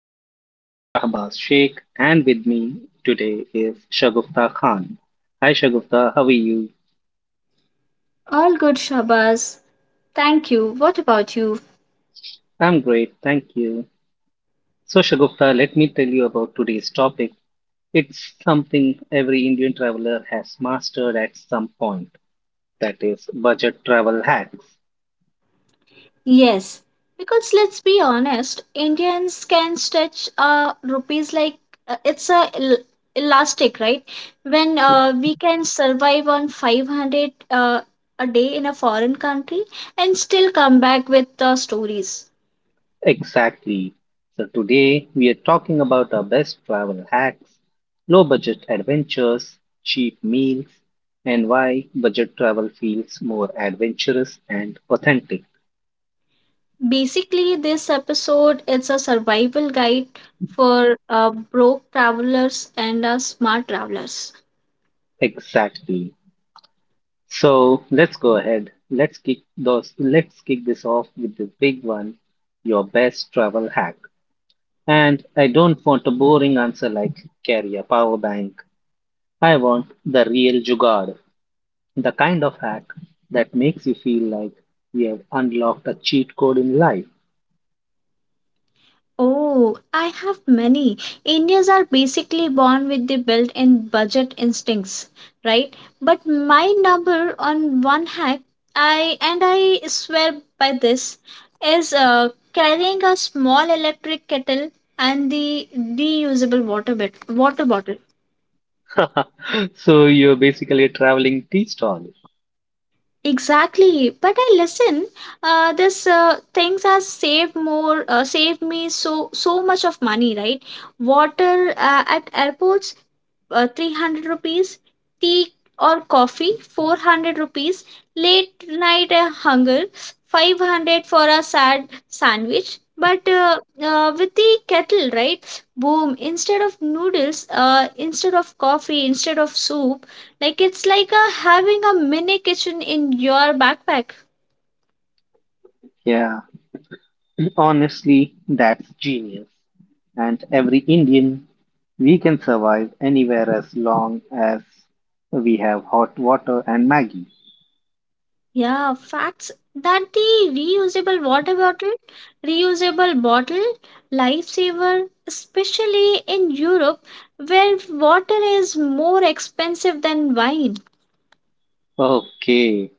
is your host, Shahbaz Sheikh, and with me today is Shagufta Khan. Hi, Shagufta. How are you? All good, Shabaz. Thank you. What about you? I'm great. Thank you. So, Shagufta, let me tell you about today's topic. It's something every Indian traveler has mastered at some point. That is budget travel hacks. Yes, because let's be honest, Indians can stretch rupees like it's elastic, right? When we can survive on 500 a day in a foreign country and still come back with stories. Exactly. So today we are talking about our best travel hacks, low budget adventures, cheap meals, and why budget travel feels more adventurous and authentic. Basically, this episode is a survival guide for broke travelers and smart travelers. Exactly. So let's go ahead. Let's kick this off with the big one, your best travel hack. And I don't want a boring answer like carry a power bank. I want the real jugaad. The kind of hack that makes you feel like you've unlocked a cheat code in life. Oh, I have many. Indians are basically born with the built in budget instincts, right? But my number on one hack, I swear by this, is carrying a small electric kettle and the reusable water bottle. So you're basically a traveling tea stall. Exactly, but I listen. This things has saved me so much of money, right? Water at airports, 300 rupees. Tea or coffee, 400 rupees. Late night hunger, 500 for a sad sandwich. But with the kettle, right? Boom! Instead of noodles, instead of coffee, instead of soup, like it's like having a mini kitchen in your backpack. Yeah, honestly, that's genius. And every Indian, we can survive anywhere as long as we have hot water and Maggie. Yeah, facts that the reusable water bottle, reusable bottle, lifesaver, especially in Europe where water is more expensive than wine. Okay,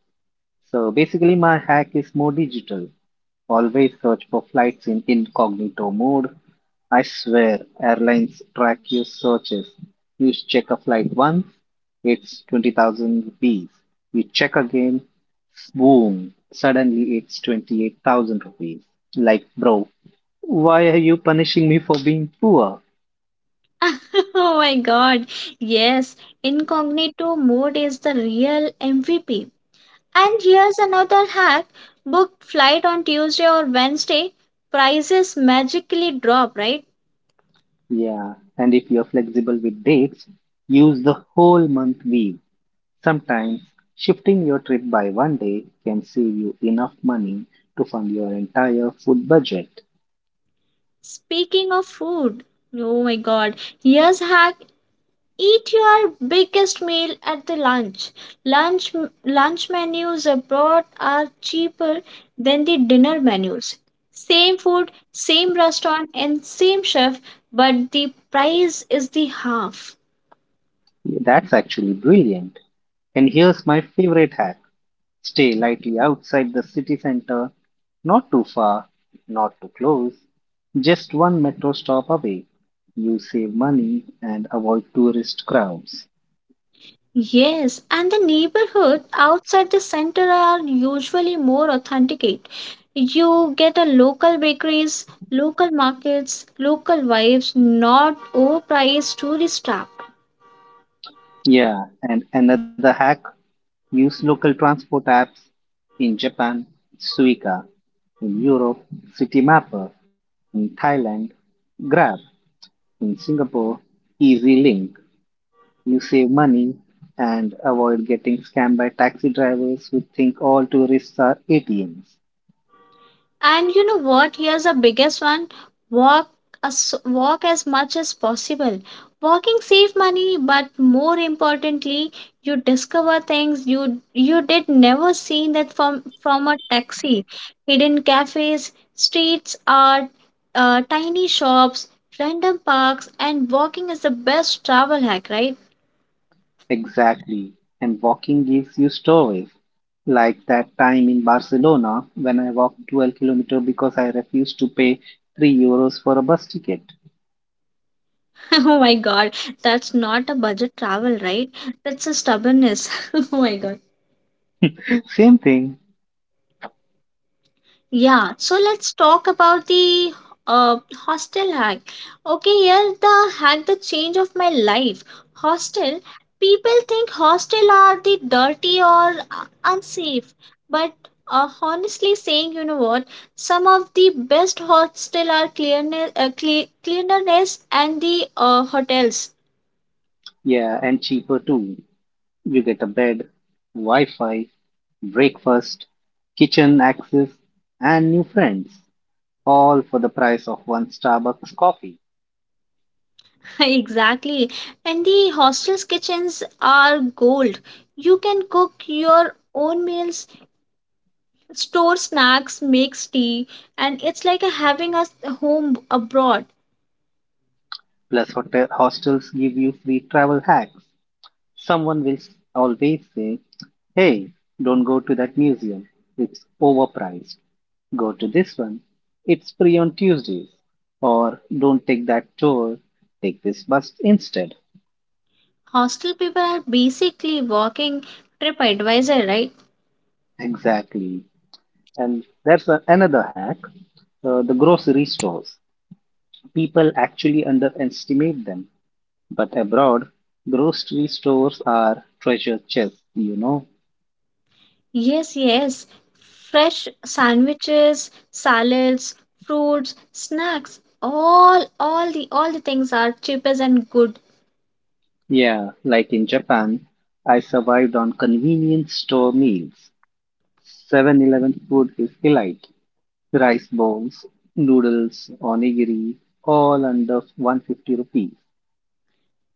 so basically, my hack is more digital. Always search for flights in incognito mode. I swear, airlines track your searches. You check a flight once, it's 20,000 rupees. You check again, boom, suddenly it's 28,000 rupees. Like, bro, why are you punishing me for being poor? Oh my god. Yes, incognito mode is the real MVP. And here's another hack book flight on Tuesday or Wednesday, prices magically drop, right? Yeah, and if you're flexible with dates, use the whole month week. Sometimes, shifting your trip by one day can save you enough money to fund your entire food budget. Speaking of food, oh my god, here's hack eat your biggest meal at the lunch. Lunch lunch menus abroad are cheaper than the dinner menus. Same food, same restaurant and same chef, but the price is the half. That's actually brilliant. And here's my favorite hack: stay lightly outside the city center, not too far, not too close, just one metro stop away. You save money and avoid tourist crowds. Yes, and the neighborhood outside the center are usually more authenticate. You get a local bakeries, local markets, local vibes, not overpriced tourist trap. Yeah, and another hack: use local transport apps, in Japan, Suica, in Europe, City Mapper, in Thailand, Grab, in Singapore, Easy Link. You save money and avoid getting scammed by taxi drivers who think all tourists are ATMs. And you know what? Here's the biggest one. Walk Walk as much as possible. Walking save money, but more importantly, you discover things you did never seen that from a taxi. Hidden cafes, streets art, tiny shops, random parks, and walking is the best travel hack, right? Exactly. And walking gives you stories. Like that time in Barcelona when I walked 12 kilometers because I refused to pay 3 euros for a bus ticket. Oh my god, that's not a budget travel, right? That's a stubbornness. Oh my god. Same thing. Yeah, so let's talk about the uh, hostel hack. Okay, here the hack the change of my life. Hostel, people think hostel are the dirty or unsafe, but honestly saying, you know what? Some of the best hostel are clearness, cleanliness, and the hotels. Yeah, and cheaper too. You get a bed, Wi Fi, breakfast, kitchen access, and new friends. All for the price of one Starbucks coffee. Exactly, and the hostels kitchens are gold. You can cook your own meals store snacks, makes tea, and it's like a having a home abroad. Plus, hotel hostels give you free travel hacks. Someone will always say, Hey, don't go to that museum. It's overpriced. Go to this one. It's free on Tuesdays. Or don't take that tour. Take this bus instead. Hostel people are basically walking trip advisor, right? Exactly. And that's another hack, the grocery stores. People actually underestimate them. But abroad, grocery stores are treasure chests, you know. Yes, yes. Fresh sandwiches, salads, fruits, snacks, all the things are cheapest and good. Yeah, like in Japan, I survived on convenience store meals. Seven-Eleven food is elite. Rice bowls, noodles, onigiri, all under 150 rupees.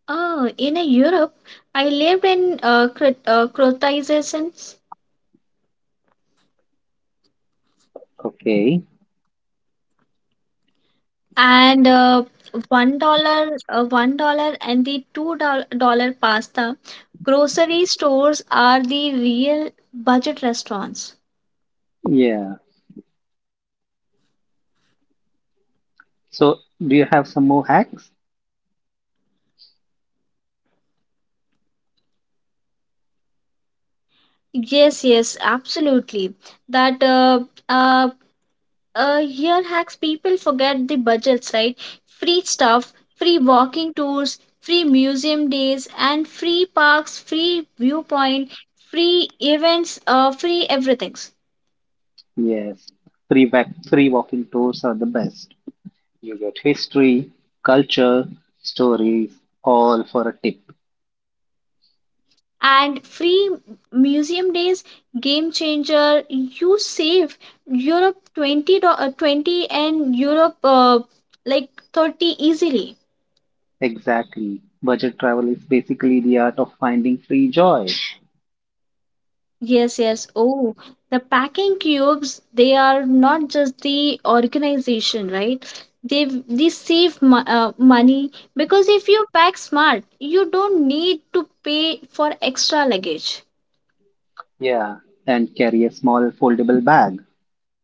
Oh, in a Europe, I lived in Croatian Okay. and $1 and the $2 pasta grocery stores are the real budget restaurants. Yeah. So, do you have some more hacks? Yes, yes, absolutely. That uh, Here hacks people forget the budgets, right? Free stuff, free walking tours, free museum days, and free parks, free viewpoint, free events, free everything. Yes. Free back, free walking tours are the best. You get history, culture, stories, all for a tip. And free museum days, game changer. You save Europe 20 and Europe like 30 easily. Exactly. Budget travel is basically the art of finding free joy. Yes, yes. Oh, the packing cubes, they are not just the organization, right? They money because if you pack smart you don't need to pay for extra luggage. Yeah, and carry a small foldable bag.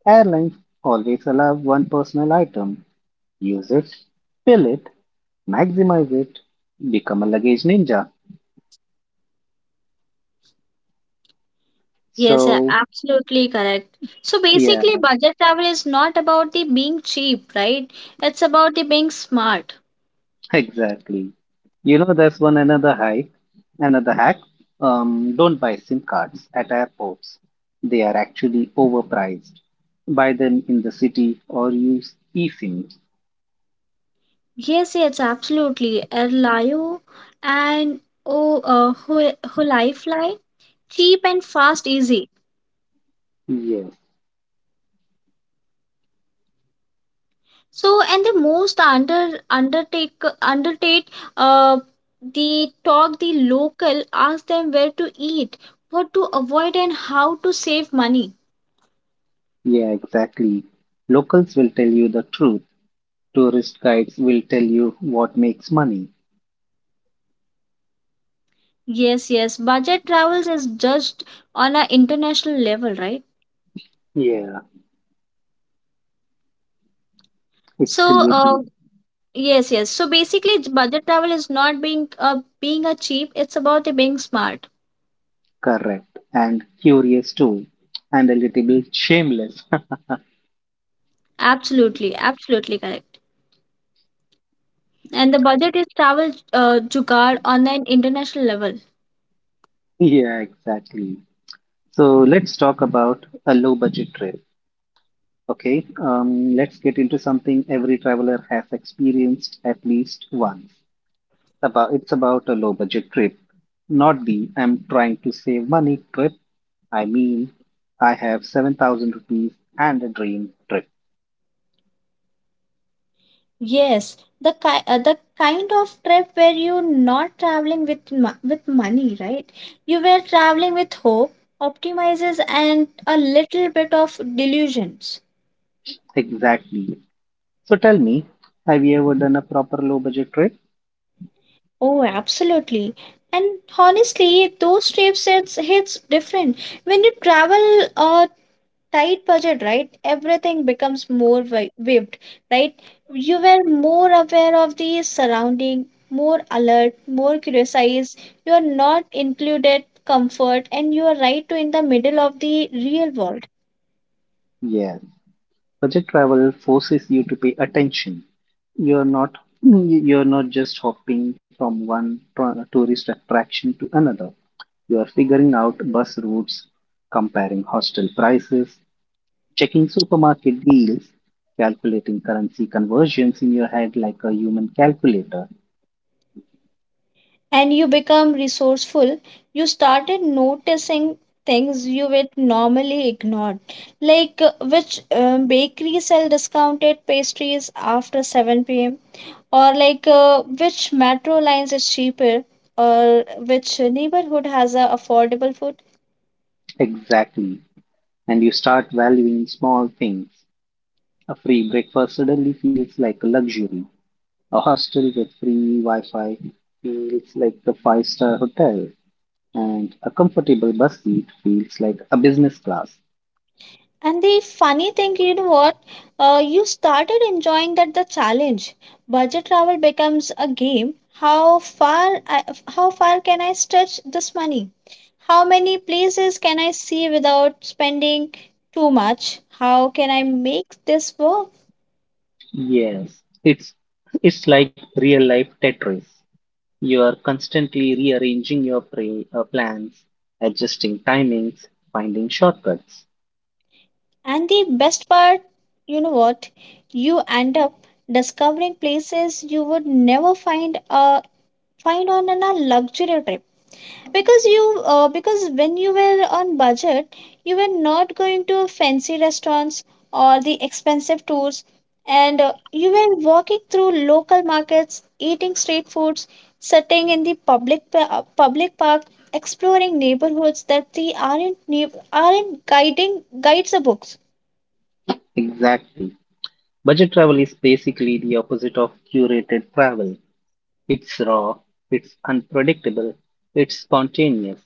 Airlines always allow one personal item. Use it, fill it, maximize it, become a luggage ninja. Yes, So, absolutely correct. So yeah, basically, budget travel is not about the being cheap, right? It's about the being smart. exactly. You know, there's one another hack. Another hack. Don't buy SIM cards at airports. They are actually overpriced. Buy them in the city or use eSIM. Yes, yes, absolutely. Airlayo and oh, who life fly cheap and fast, easy. Yes, So and the most undertake uh the talk the local, ask them where to eat, what to avoid, and how to save money. yeah, exactly. Locals will tell you the truth. Tourist guides will tell you what makes money. Yes, yes. Budget travels is just on an international level, right? Yeah. It's So, creative, yes, yes. So basically, budget travel is not being a cheap. It's about it being smart. correct, and curious too, and a little bit shameless. Absolutely, absolutely correct. And the budget is travel jugaad on an international level. Yeah, exactly. So let's talk about a low budget trip. Okay, let's get into something every traveler has experienced at least once. About it's about a low budget trip, not the I'm trying to save money trip. I mean, I have 7,000 rupees and a dream trip. Yes, the kind of trip where you're not traveling with with money, right? You were traveling with hope, optimizes, and a little bit of delusions. Exactly. So tell me, have you ever done a proper low budget trip? Oh, absolutely. And honestly, those trips it's hits different. When you travel a tight budget, right? Everything becomes vivid, right? You were more aware of the surrounding, more alert, more curious. You are not included comfort, and you are right to in the middle of the real world. Yes. Budget travel forces you to pay attention. You're not you're not just hopping from one tourist attraction to another. You are figuring out bus routes, comparing hostel prices, checking supermarket deals, calculating currency conversions in your head like a human calculator. And you become resourceful. You started noticing things you would normally ignore, like which bakery sell discounted pastries after 7 p.m. or like which metro lines is cheaper, or which neighborhood has a affordable food. Exactly. And you start valuing small things. A free breakfast suddenly feels like a luxury. A hostel with free Wi Fi feels like a five-star hotel, and a comfortable bus seat feels like a business class. And the funny thing, you know what? You started enjoying that the challenge. Budget travel becomes a game. How far can I stretch this money? How many places can I see without spending too much? How can I make this work? Yes, it's it's like real life Tetris. You are constantly rearranging your plans, adjusting timings, finding shortcuts. And the best part, you know what? You end up discovering places you would never find on a luxury trip because you because when you were on budget you were not going to fancy restaurants or the expensive tours, and you were walking through local markets, eating street foods, sitting in the public park, exploring neighborhoods that the aren't guiding guides the books. Exactly. Budget travel is basically the opposite of curated travel. It's raw, it's unpredictable, it's spontaneous.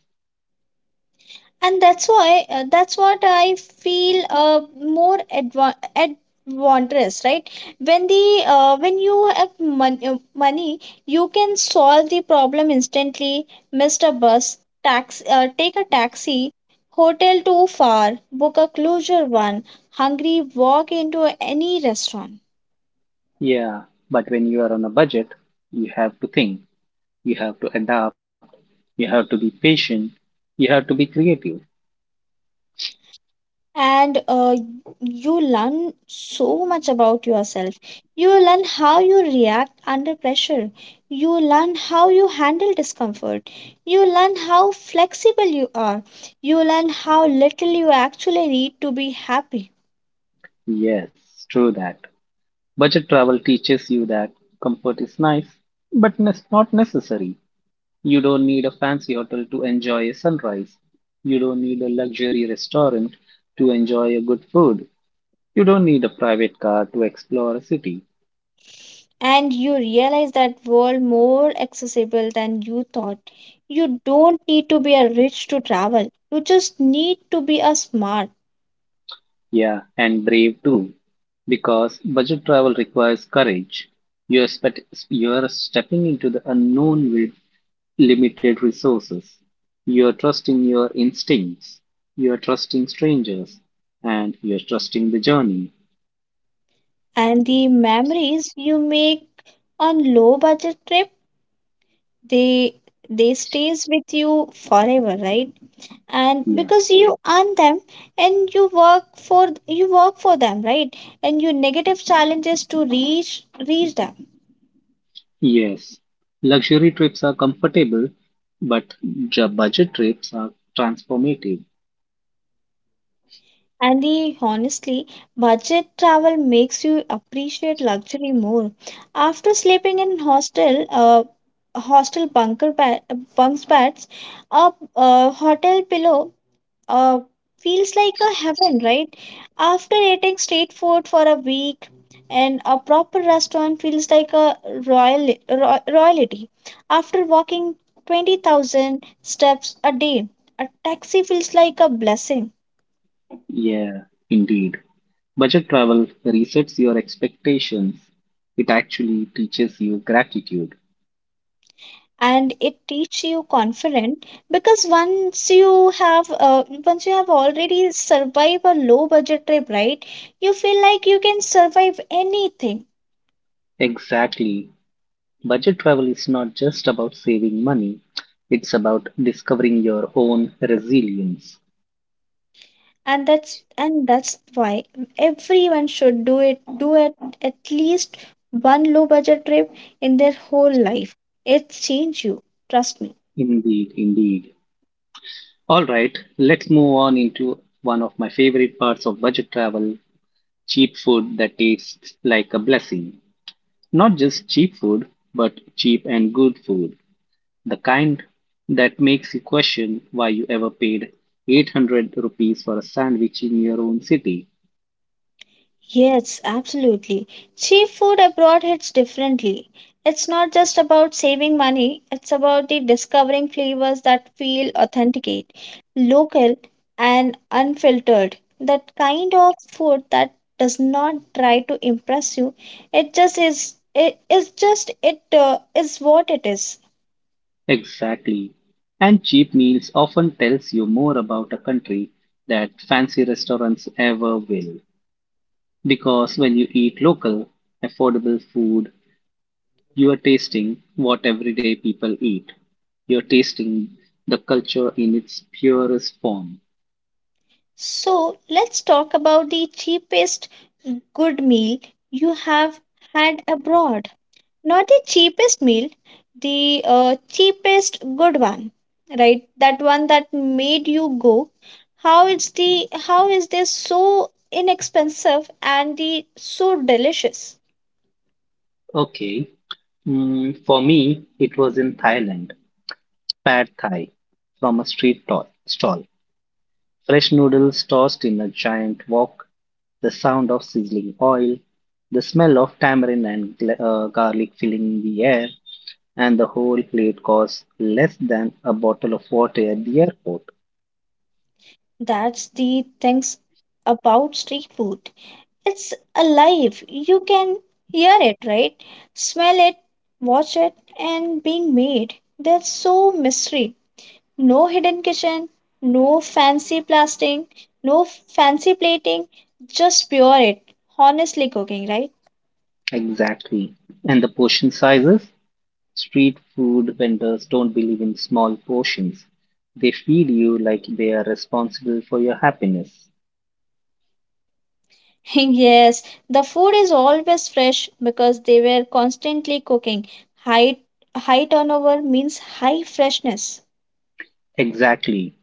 And that's why that's what I feel advantageous, right? When the when you have mon- uh, money, you can solve the problem instantly. Missed a bus, tax take a taxi. Hotel too far, book a closer one. Hungry, walk into any restaurant. Yeah, but when you are on a budget, you have to think, you have to adapt, you have to be patient, you have to be creative. And you learn so much about yourself. You learn how you react under pressure. You learn how you handle discomfort. You learn how flexible you are. You learn how little you actually need to be happy. Yes, true that. Budget travel teaches you that comfort is nice, but it's not necessary. You don't need a fancy hotel to enjoy a sunrise. You don't need a luxury restaurant to enjoy a good food. You don't need a private car to explore a city. And you realize that world more accessible than you thought. You don't need to be a rich to travel, you just need to be a smart. Yeah, and brave too, because budget travel requires courage. You're spe- you're stepping into the unknown with limited resources. You're trusting your instincts. You're trusting strangers, and you're trusting the journey. And the memories you make on low budget trips, they they stays with you forever, right? And Yeah. because you earn them. And you work for them, right? And you negative challenges to reach them. Yes. Luxury trips are comfortable, but budget trips are transformative. And the honestly budget travel makes you appreciate luxury more. After sleeping in hostel hostel bunker bed bunks beds, a hotel pillow, uh, feels like a heaven, right? After eating street food for a week, and a proper restaurant feels like a royalty. After walking 20,000 steps a day, a taxi feels like a blessing. Yeah, indeed. Budget travel resets your expectations. It actually teaches you gratitude. And it teaches you confident because once you have already survived a low budget trip, right? You feel like you can survive anything. Exactly. Budget travel is not just about saving money, it's about discovering your own resilience. And that's why everyone should do it at least one low budget trip in their whole life. It change you, trust me. Indeed, indeed. All right, let's move on into one of my favorite parts of budget travel: cheap food that tastes like a blessing. Not just cheap food, but cheap and good food. The kind that makes you question why you ever paid 800 rupees for a sandwich in your own city. Yes, absolutely. Cheap food abroad hits differently. It's not just about saving money, it's about the discovering flavors that feel authenticate, local and unfiltered. That kind of food that does not try to impress you. It just is just it is what it is. Exactly. And cheap meals often tells you more about a country that fancy restaurants ever will. Because when you eat local, affordable food, you are tasting what everyday people eat. You're tasting the culture in its purest form. So, let's talk about the cheapest good meal you have had abroad. Not the cheapest meal, the cheapest good one, right? That one that made you go how it's the how is this so inexpensive and the so delicious. Okay, for me, it was in Thailand, Pad Thai from a street stall. Fresh noodles tossed in a giant wok. The sound of sizzling oil. The smell of tamarind and garlic filling the air. And the whole plate costs less than a bottle of water at the airport. That's the things about street food. It's alive, you can hear it, right? Smell it, watch it, and being made, there's so mystery. No hidden kitchen, no fancy plastic, no fancy plating, just pure it. Honestly cooking, right? Exactly. And the portion sizes? Street food vendors don't believe in small portions. They feed you like they are responsible for your happiness. Yes, the food is always fresh because they were constantly cooking. High high turnover means high freshness. Exactly.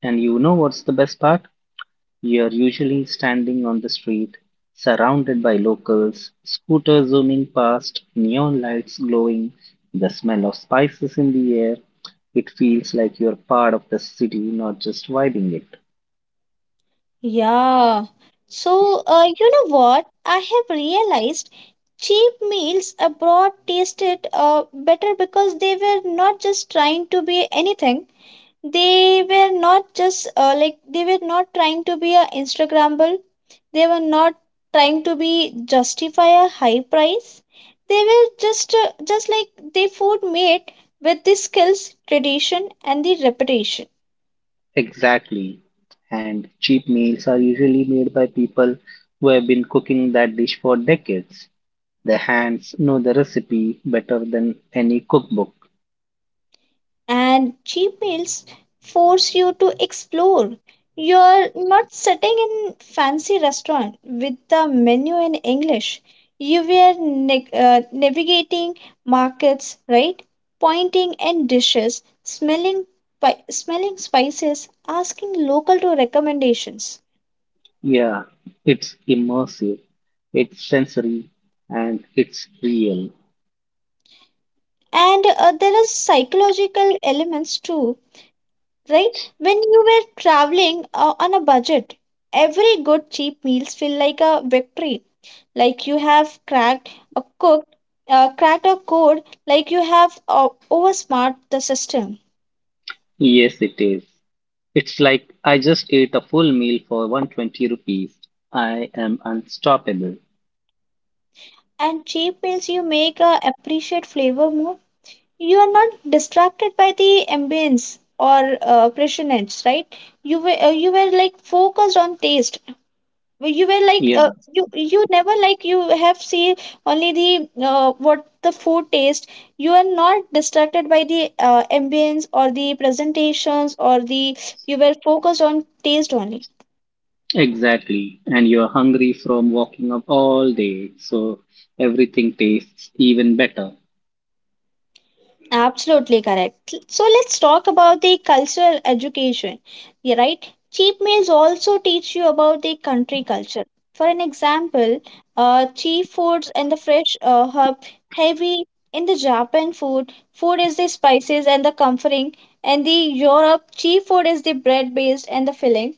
And you know what's the best part? You're usually standing on the street, surrounded by locals, scooters zooming past, neon lights glowing, the smell of spices in the air. It feels like you're part of the city, not just vibing it. Yeah. So, you know what? I have realized cheap meals abroad tasted better because they were not just trying to be anything, they were not just like they were not trying to be a instagrammable, they were not trying to be justify a high price, they were just like they food made with the skills tradition and the reputation. Exactly. And cheap meals are usually made by people who have been cooking that dish for decades. Their hands know the recipe better than any cookbook. And cheap meals force you to explore. You're not sitting in fancy restaurant with the menu in English. You were neg navigating markets, right? Pointing and dishes, smelling spices, asking local to recommendations. Yeah, it's immersive, it's sensory, and it's real. And there are psychological elements too, right? When you were traveling on a budget, every good cheap meals feel like a victory, like you have cracked a cooked cracked a code, like you have oversmart the system. Yes, it is. It's like I just ate a full meal for 120 rupees. I am unstoppable. And cheap meals you make appreciate flavor more. You are not distracted by the ambience or pressure, right? You were like focused on taste. Well, you were like Yeah, uh, you you never like you have seen only the what the food taste. You are not distracted by the ambience or the presentations or the, you were focused on taste only. exactly. And you're hungry from walking up all day, so everything tastes even better. Absolutely correct. So let's talk about the cultural education. Yeah, right? Cheap meals also teach you about the country culture. For an example, cheap foods and the fresh herb heavy in the Japan food. Food is the spices and the comforting. And the Europe cheap food is the bread based and the filling.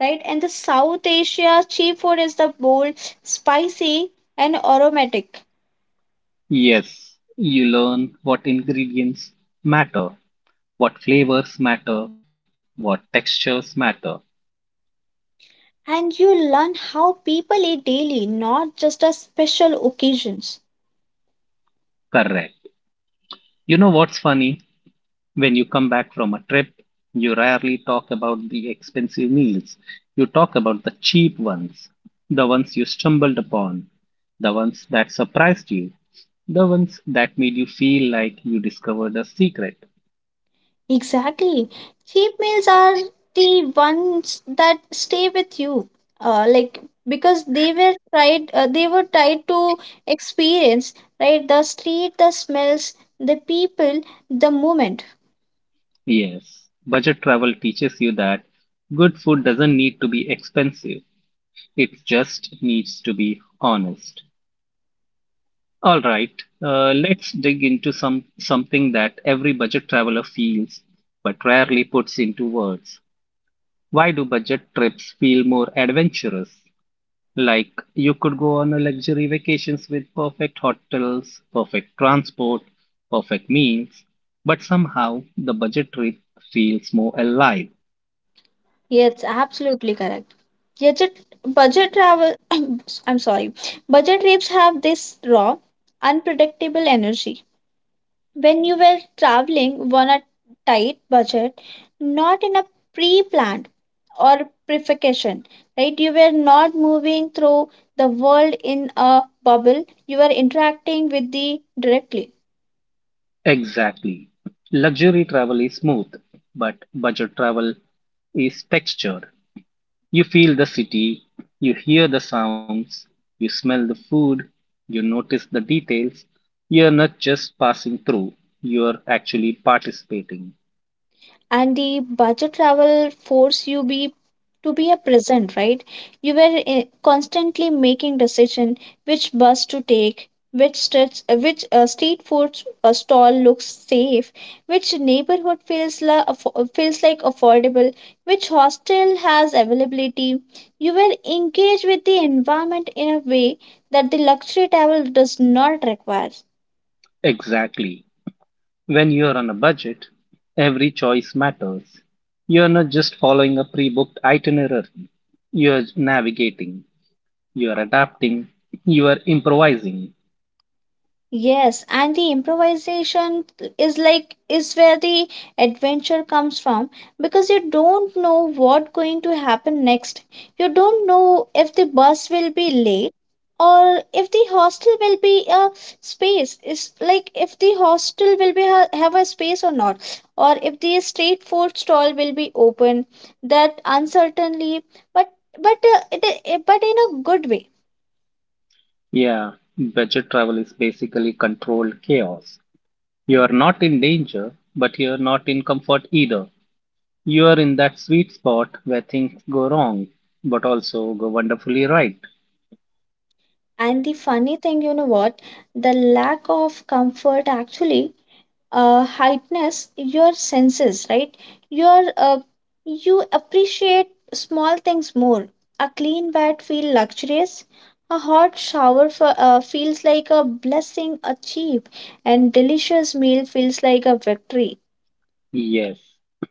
Right? And the South Asia cheap food is the bold, spicy and aromatic. Yes, you learn what ingredients matter, what flavors matter, what textures matter. And you learn how people eat daily, not just on special occasions. Correct. You know what's funny? When you come back from a trip, you rarely talk about the expensive meals. You talk about the cheap ones, the ones you stumbled upon, the ones that surprised you, the ones that made you feel like you discovered a secret. Exactly. Cheap meals are the ones that stay with you. Like because they were tried to experience, right? The street, the smells, the people, the moment. Yes, budget travel teaches you that good food doesn't need to be expensive, it just needs to be honest. All right, let's dig into something that every budget traveler feels but rarely puts into words. Why do budget trips feel more adventurous? Like you could go on a luxury vacations with perfect hotels, perfect transport, perfect meals, but somehow the budget trip feels more alive. Yes, absolutely correct. Budget budget travel I'm sorry. Budget trips have this raw, unpredictable energy. When you were traveling on a tight budget, not in a pre-planned or prefacation, right? You were not moving through the world in a bubble. You were interacting with the directly. Exactly. Luxury travel is smooth, but budget travel is textured. You feel the city, you hear the sounds, you smell the food, you notice the details. You're not just passing through, you're actually participating. And the budget travel force you be to be a present, right? You were constantly making decision, which bus to take, which stretch which street food stall looks safe, which neighborhood feels like affordable, which hostel has availability. You were engaged with the environment in a way that the luxury travel does not require. Exactly. When you're on a budget, every choice matters. You're not just following a pre booked itinerary, you're navigating, you're adapting, you're improvising. Yes, and the improvisation is where the adventure comes from, because you don't know what going to happen next. You don't know if the bus will be late or if the hostel will be a space. Is like if the hostel will have a space or not, or if the street food stall will be open. That uncertainly, but but in a good way. Yeah, budget travel is basically controlled chaos. You are not in danger, but you're not in comfort either. You are in that sweet spot where things go wrong, but also go wonderfully right. And the funny thing, you know what? The lack of comfort actually heightens your senses, right? Your uh, you appreciate small things more. A clean bed feels luxurious. A hot shower feels like a blessing achieved, and delicious meal feels like a victory. Yes,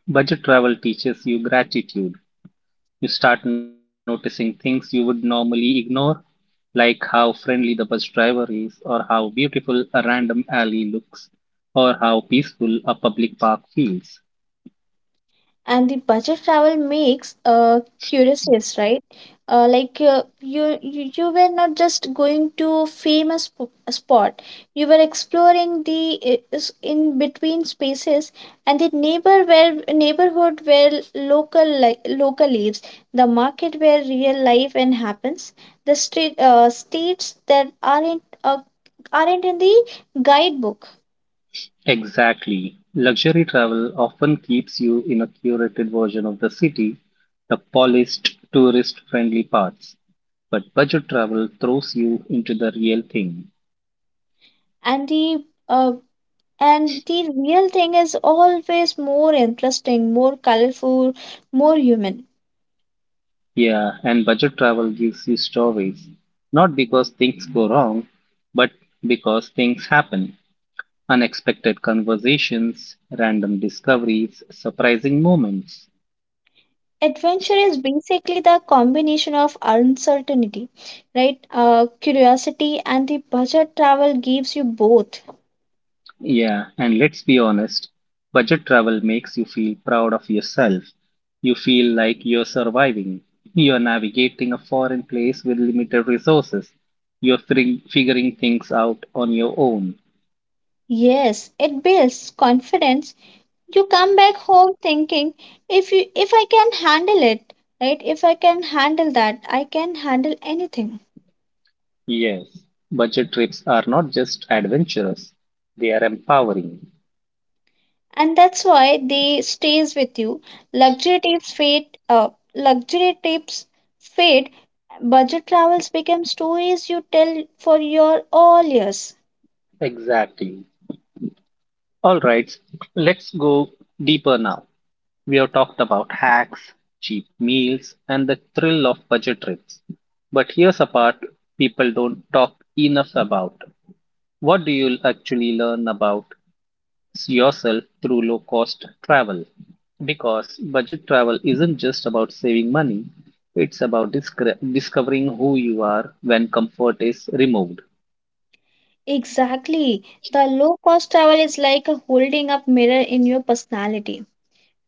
budget travel teaches you gratitude. You start noticing things you would normally ignore, like how friendly the bus driver is, or how beautiful a random alley looks, or how peaceful a public park feels. And the budget travel makes curious, right? Like you you were not just going to famous spot, you were exploring the in between spaces, and the neighborhood where local lives, the market where real life and happens, the street states that aren't in the guidebook. Exactly. Luxury travel often keeps you in a curated version of the city, the polished, tourist friendly parts. But budget travel throws you into the real thing. and the uh, And the real thing is always more interesting, more colorful, more human. Yeah, and budget travel gives you stories. Not because things go wrong, but because things happen. Unexpected conversations, random discoveries, surprising moments. Adventure is basically the combination of uncertainty, right? Curiosity and the budget travel gives you both. Yeah, and let's be honest, budget travel makes you feel proud of yourself. You feel like you're surviving. You're navigating a foreign place with limited resources. You're figuring things out on your own. Yes, it builds confidence. You come back home thinking, if I can handle it, right? If I can handle that, I can handle anything. Yes, budget trips are not just adventurous, they are empowering. And that's why they stays with you. luxury tips fade uh, Luxury tips fade. Budget travels become stories you tell for your all years. Exactly. All right, let's go deeper now. We've talked about hacks, cheap meals, and the thrill of budget trips. But here's a part people don't talk enough about. What do you actually learn about yourself through low cost travel? Because budget travel isn't just about saving money, it's about discovering who you are when comfort is removed. Exactly. The low cost travel is like a holding up mirror in your personality,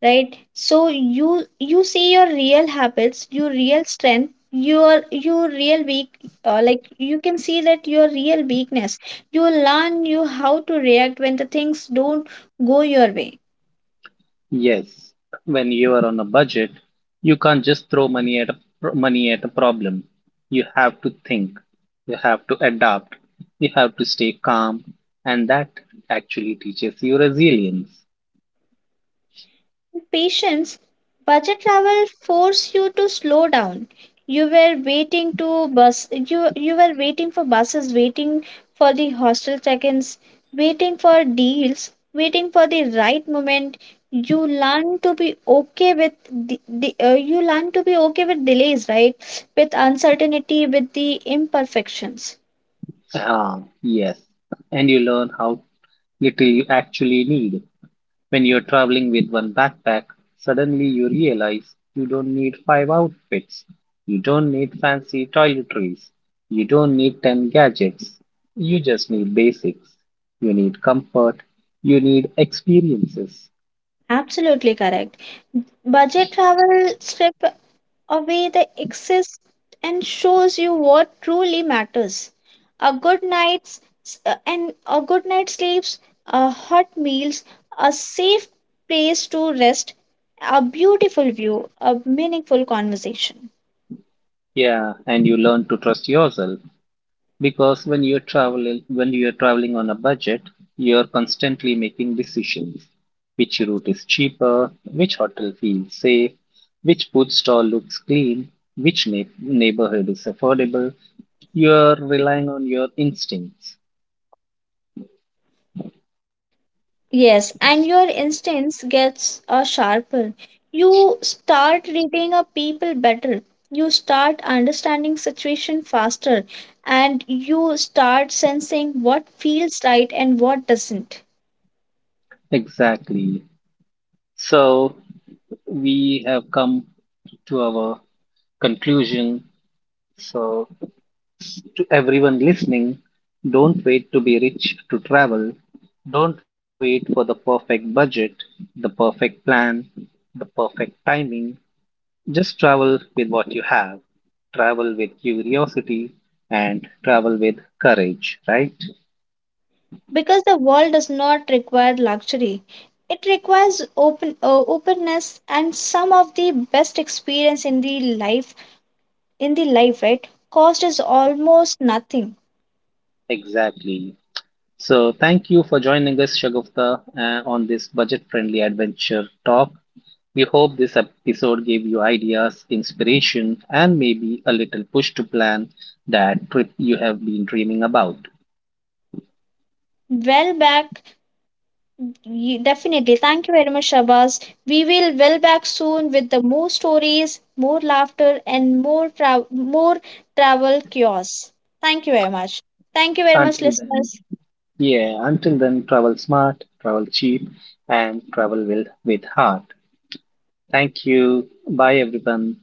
right? So you you see your real habits, your real strength, your real weak like you can see that your real weakness. You learn you how to react when the things don't go your way. Yes, when you are on a budget, you can't just throw money at a pro- money at a problem. You have to think, you have to adapt, you have to stay calm, and that actually teaches you resilience. Patience. Budget travel force you to slow down. You were waiting for buses, waiting for the hostel check-ins, waiting for deals, waiting for the right moment. You learn to be okay with the you learn to be okay with delays, right? With uncertainty, with the imperfections. Ah, yes, and you learn how little you actually need. When you're traveling with one backpack, suddenly you realize you don't need five outfits. You don't need fancy toiletries. You don't need 10 gadgets. You just need basics. You need comfort. You need experiences. Absolutely correct. Budget travel strip away the excess and shows you what truly matters. A good night's and a good night's sleeps, a hot meals, a safe place to rest, a beautiful view, a meaningful conversation. Yeah, and you learn to trust yourself, because when you're traveling on a budget, you're constantly making decisions. Which route is cheaper, which hotel feels safe, which food stall looks clean, which neighborhood is affordable? You're relying on your instincts. Yes, and your instincts gets sharper. You start reading a people better. You start understanding situation faster, and you start sensing what feels right and what doesn't. Exactly. So we have come to our conclusion. So to everyone listening, don't wait to be rich to travel. Don't wait for the perfect budget, the perfect plan, the perfect timing. Just travel with what you have. Travel with curiosity and travel with courage, right? Because the world does not require luxury, it requires openness, and some of the best experience in the life right cost is almost nothing. Exactly. So, thank you for joining us, Shagufta, on this budget friendly adventure talk. We hope this episode gave you ideas, inspiration, and maybe a little push to plan that trip you have been dreaming about. Well back, definitely thank you very much Shabas. We will well back soon with the more stories, more laughter and more travel cures. Thank you very much. Thank you very much, Until then, listeners. yeah, until then, travel smart, travel cheap, and travel with heart. Thank you. Bye, everyone.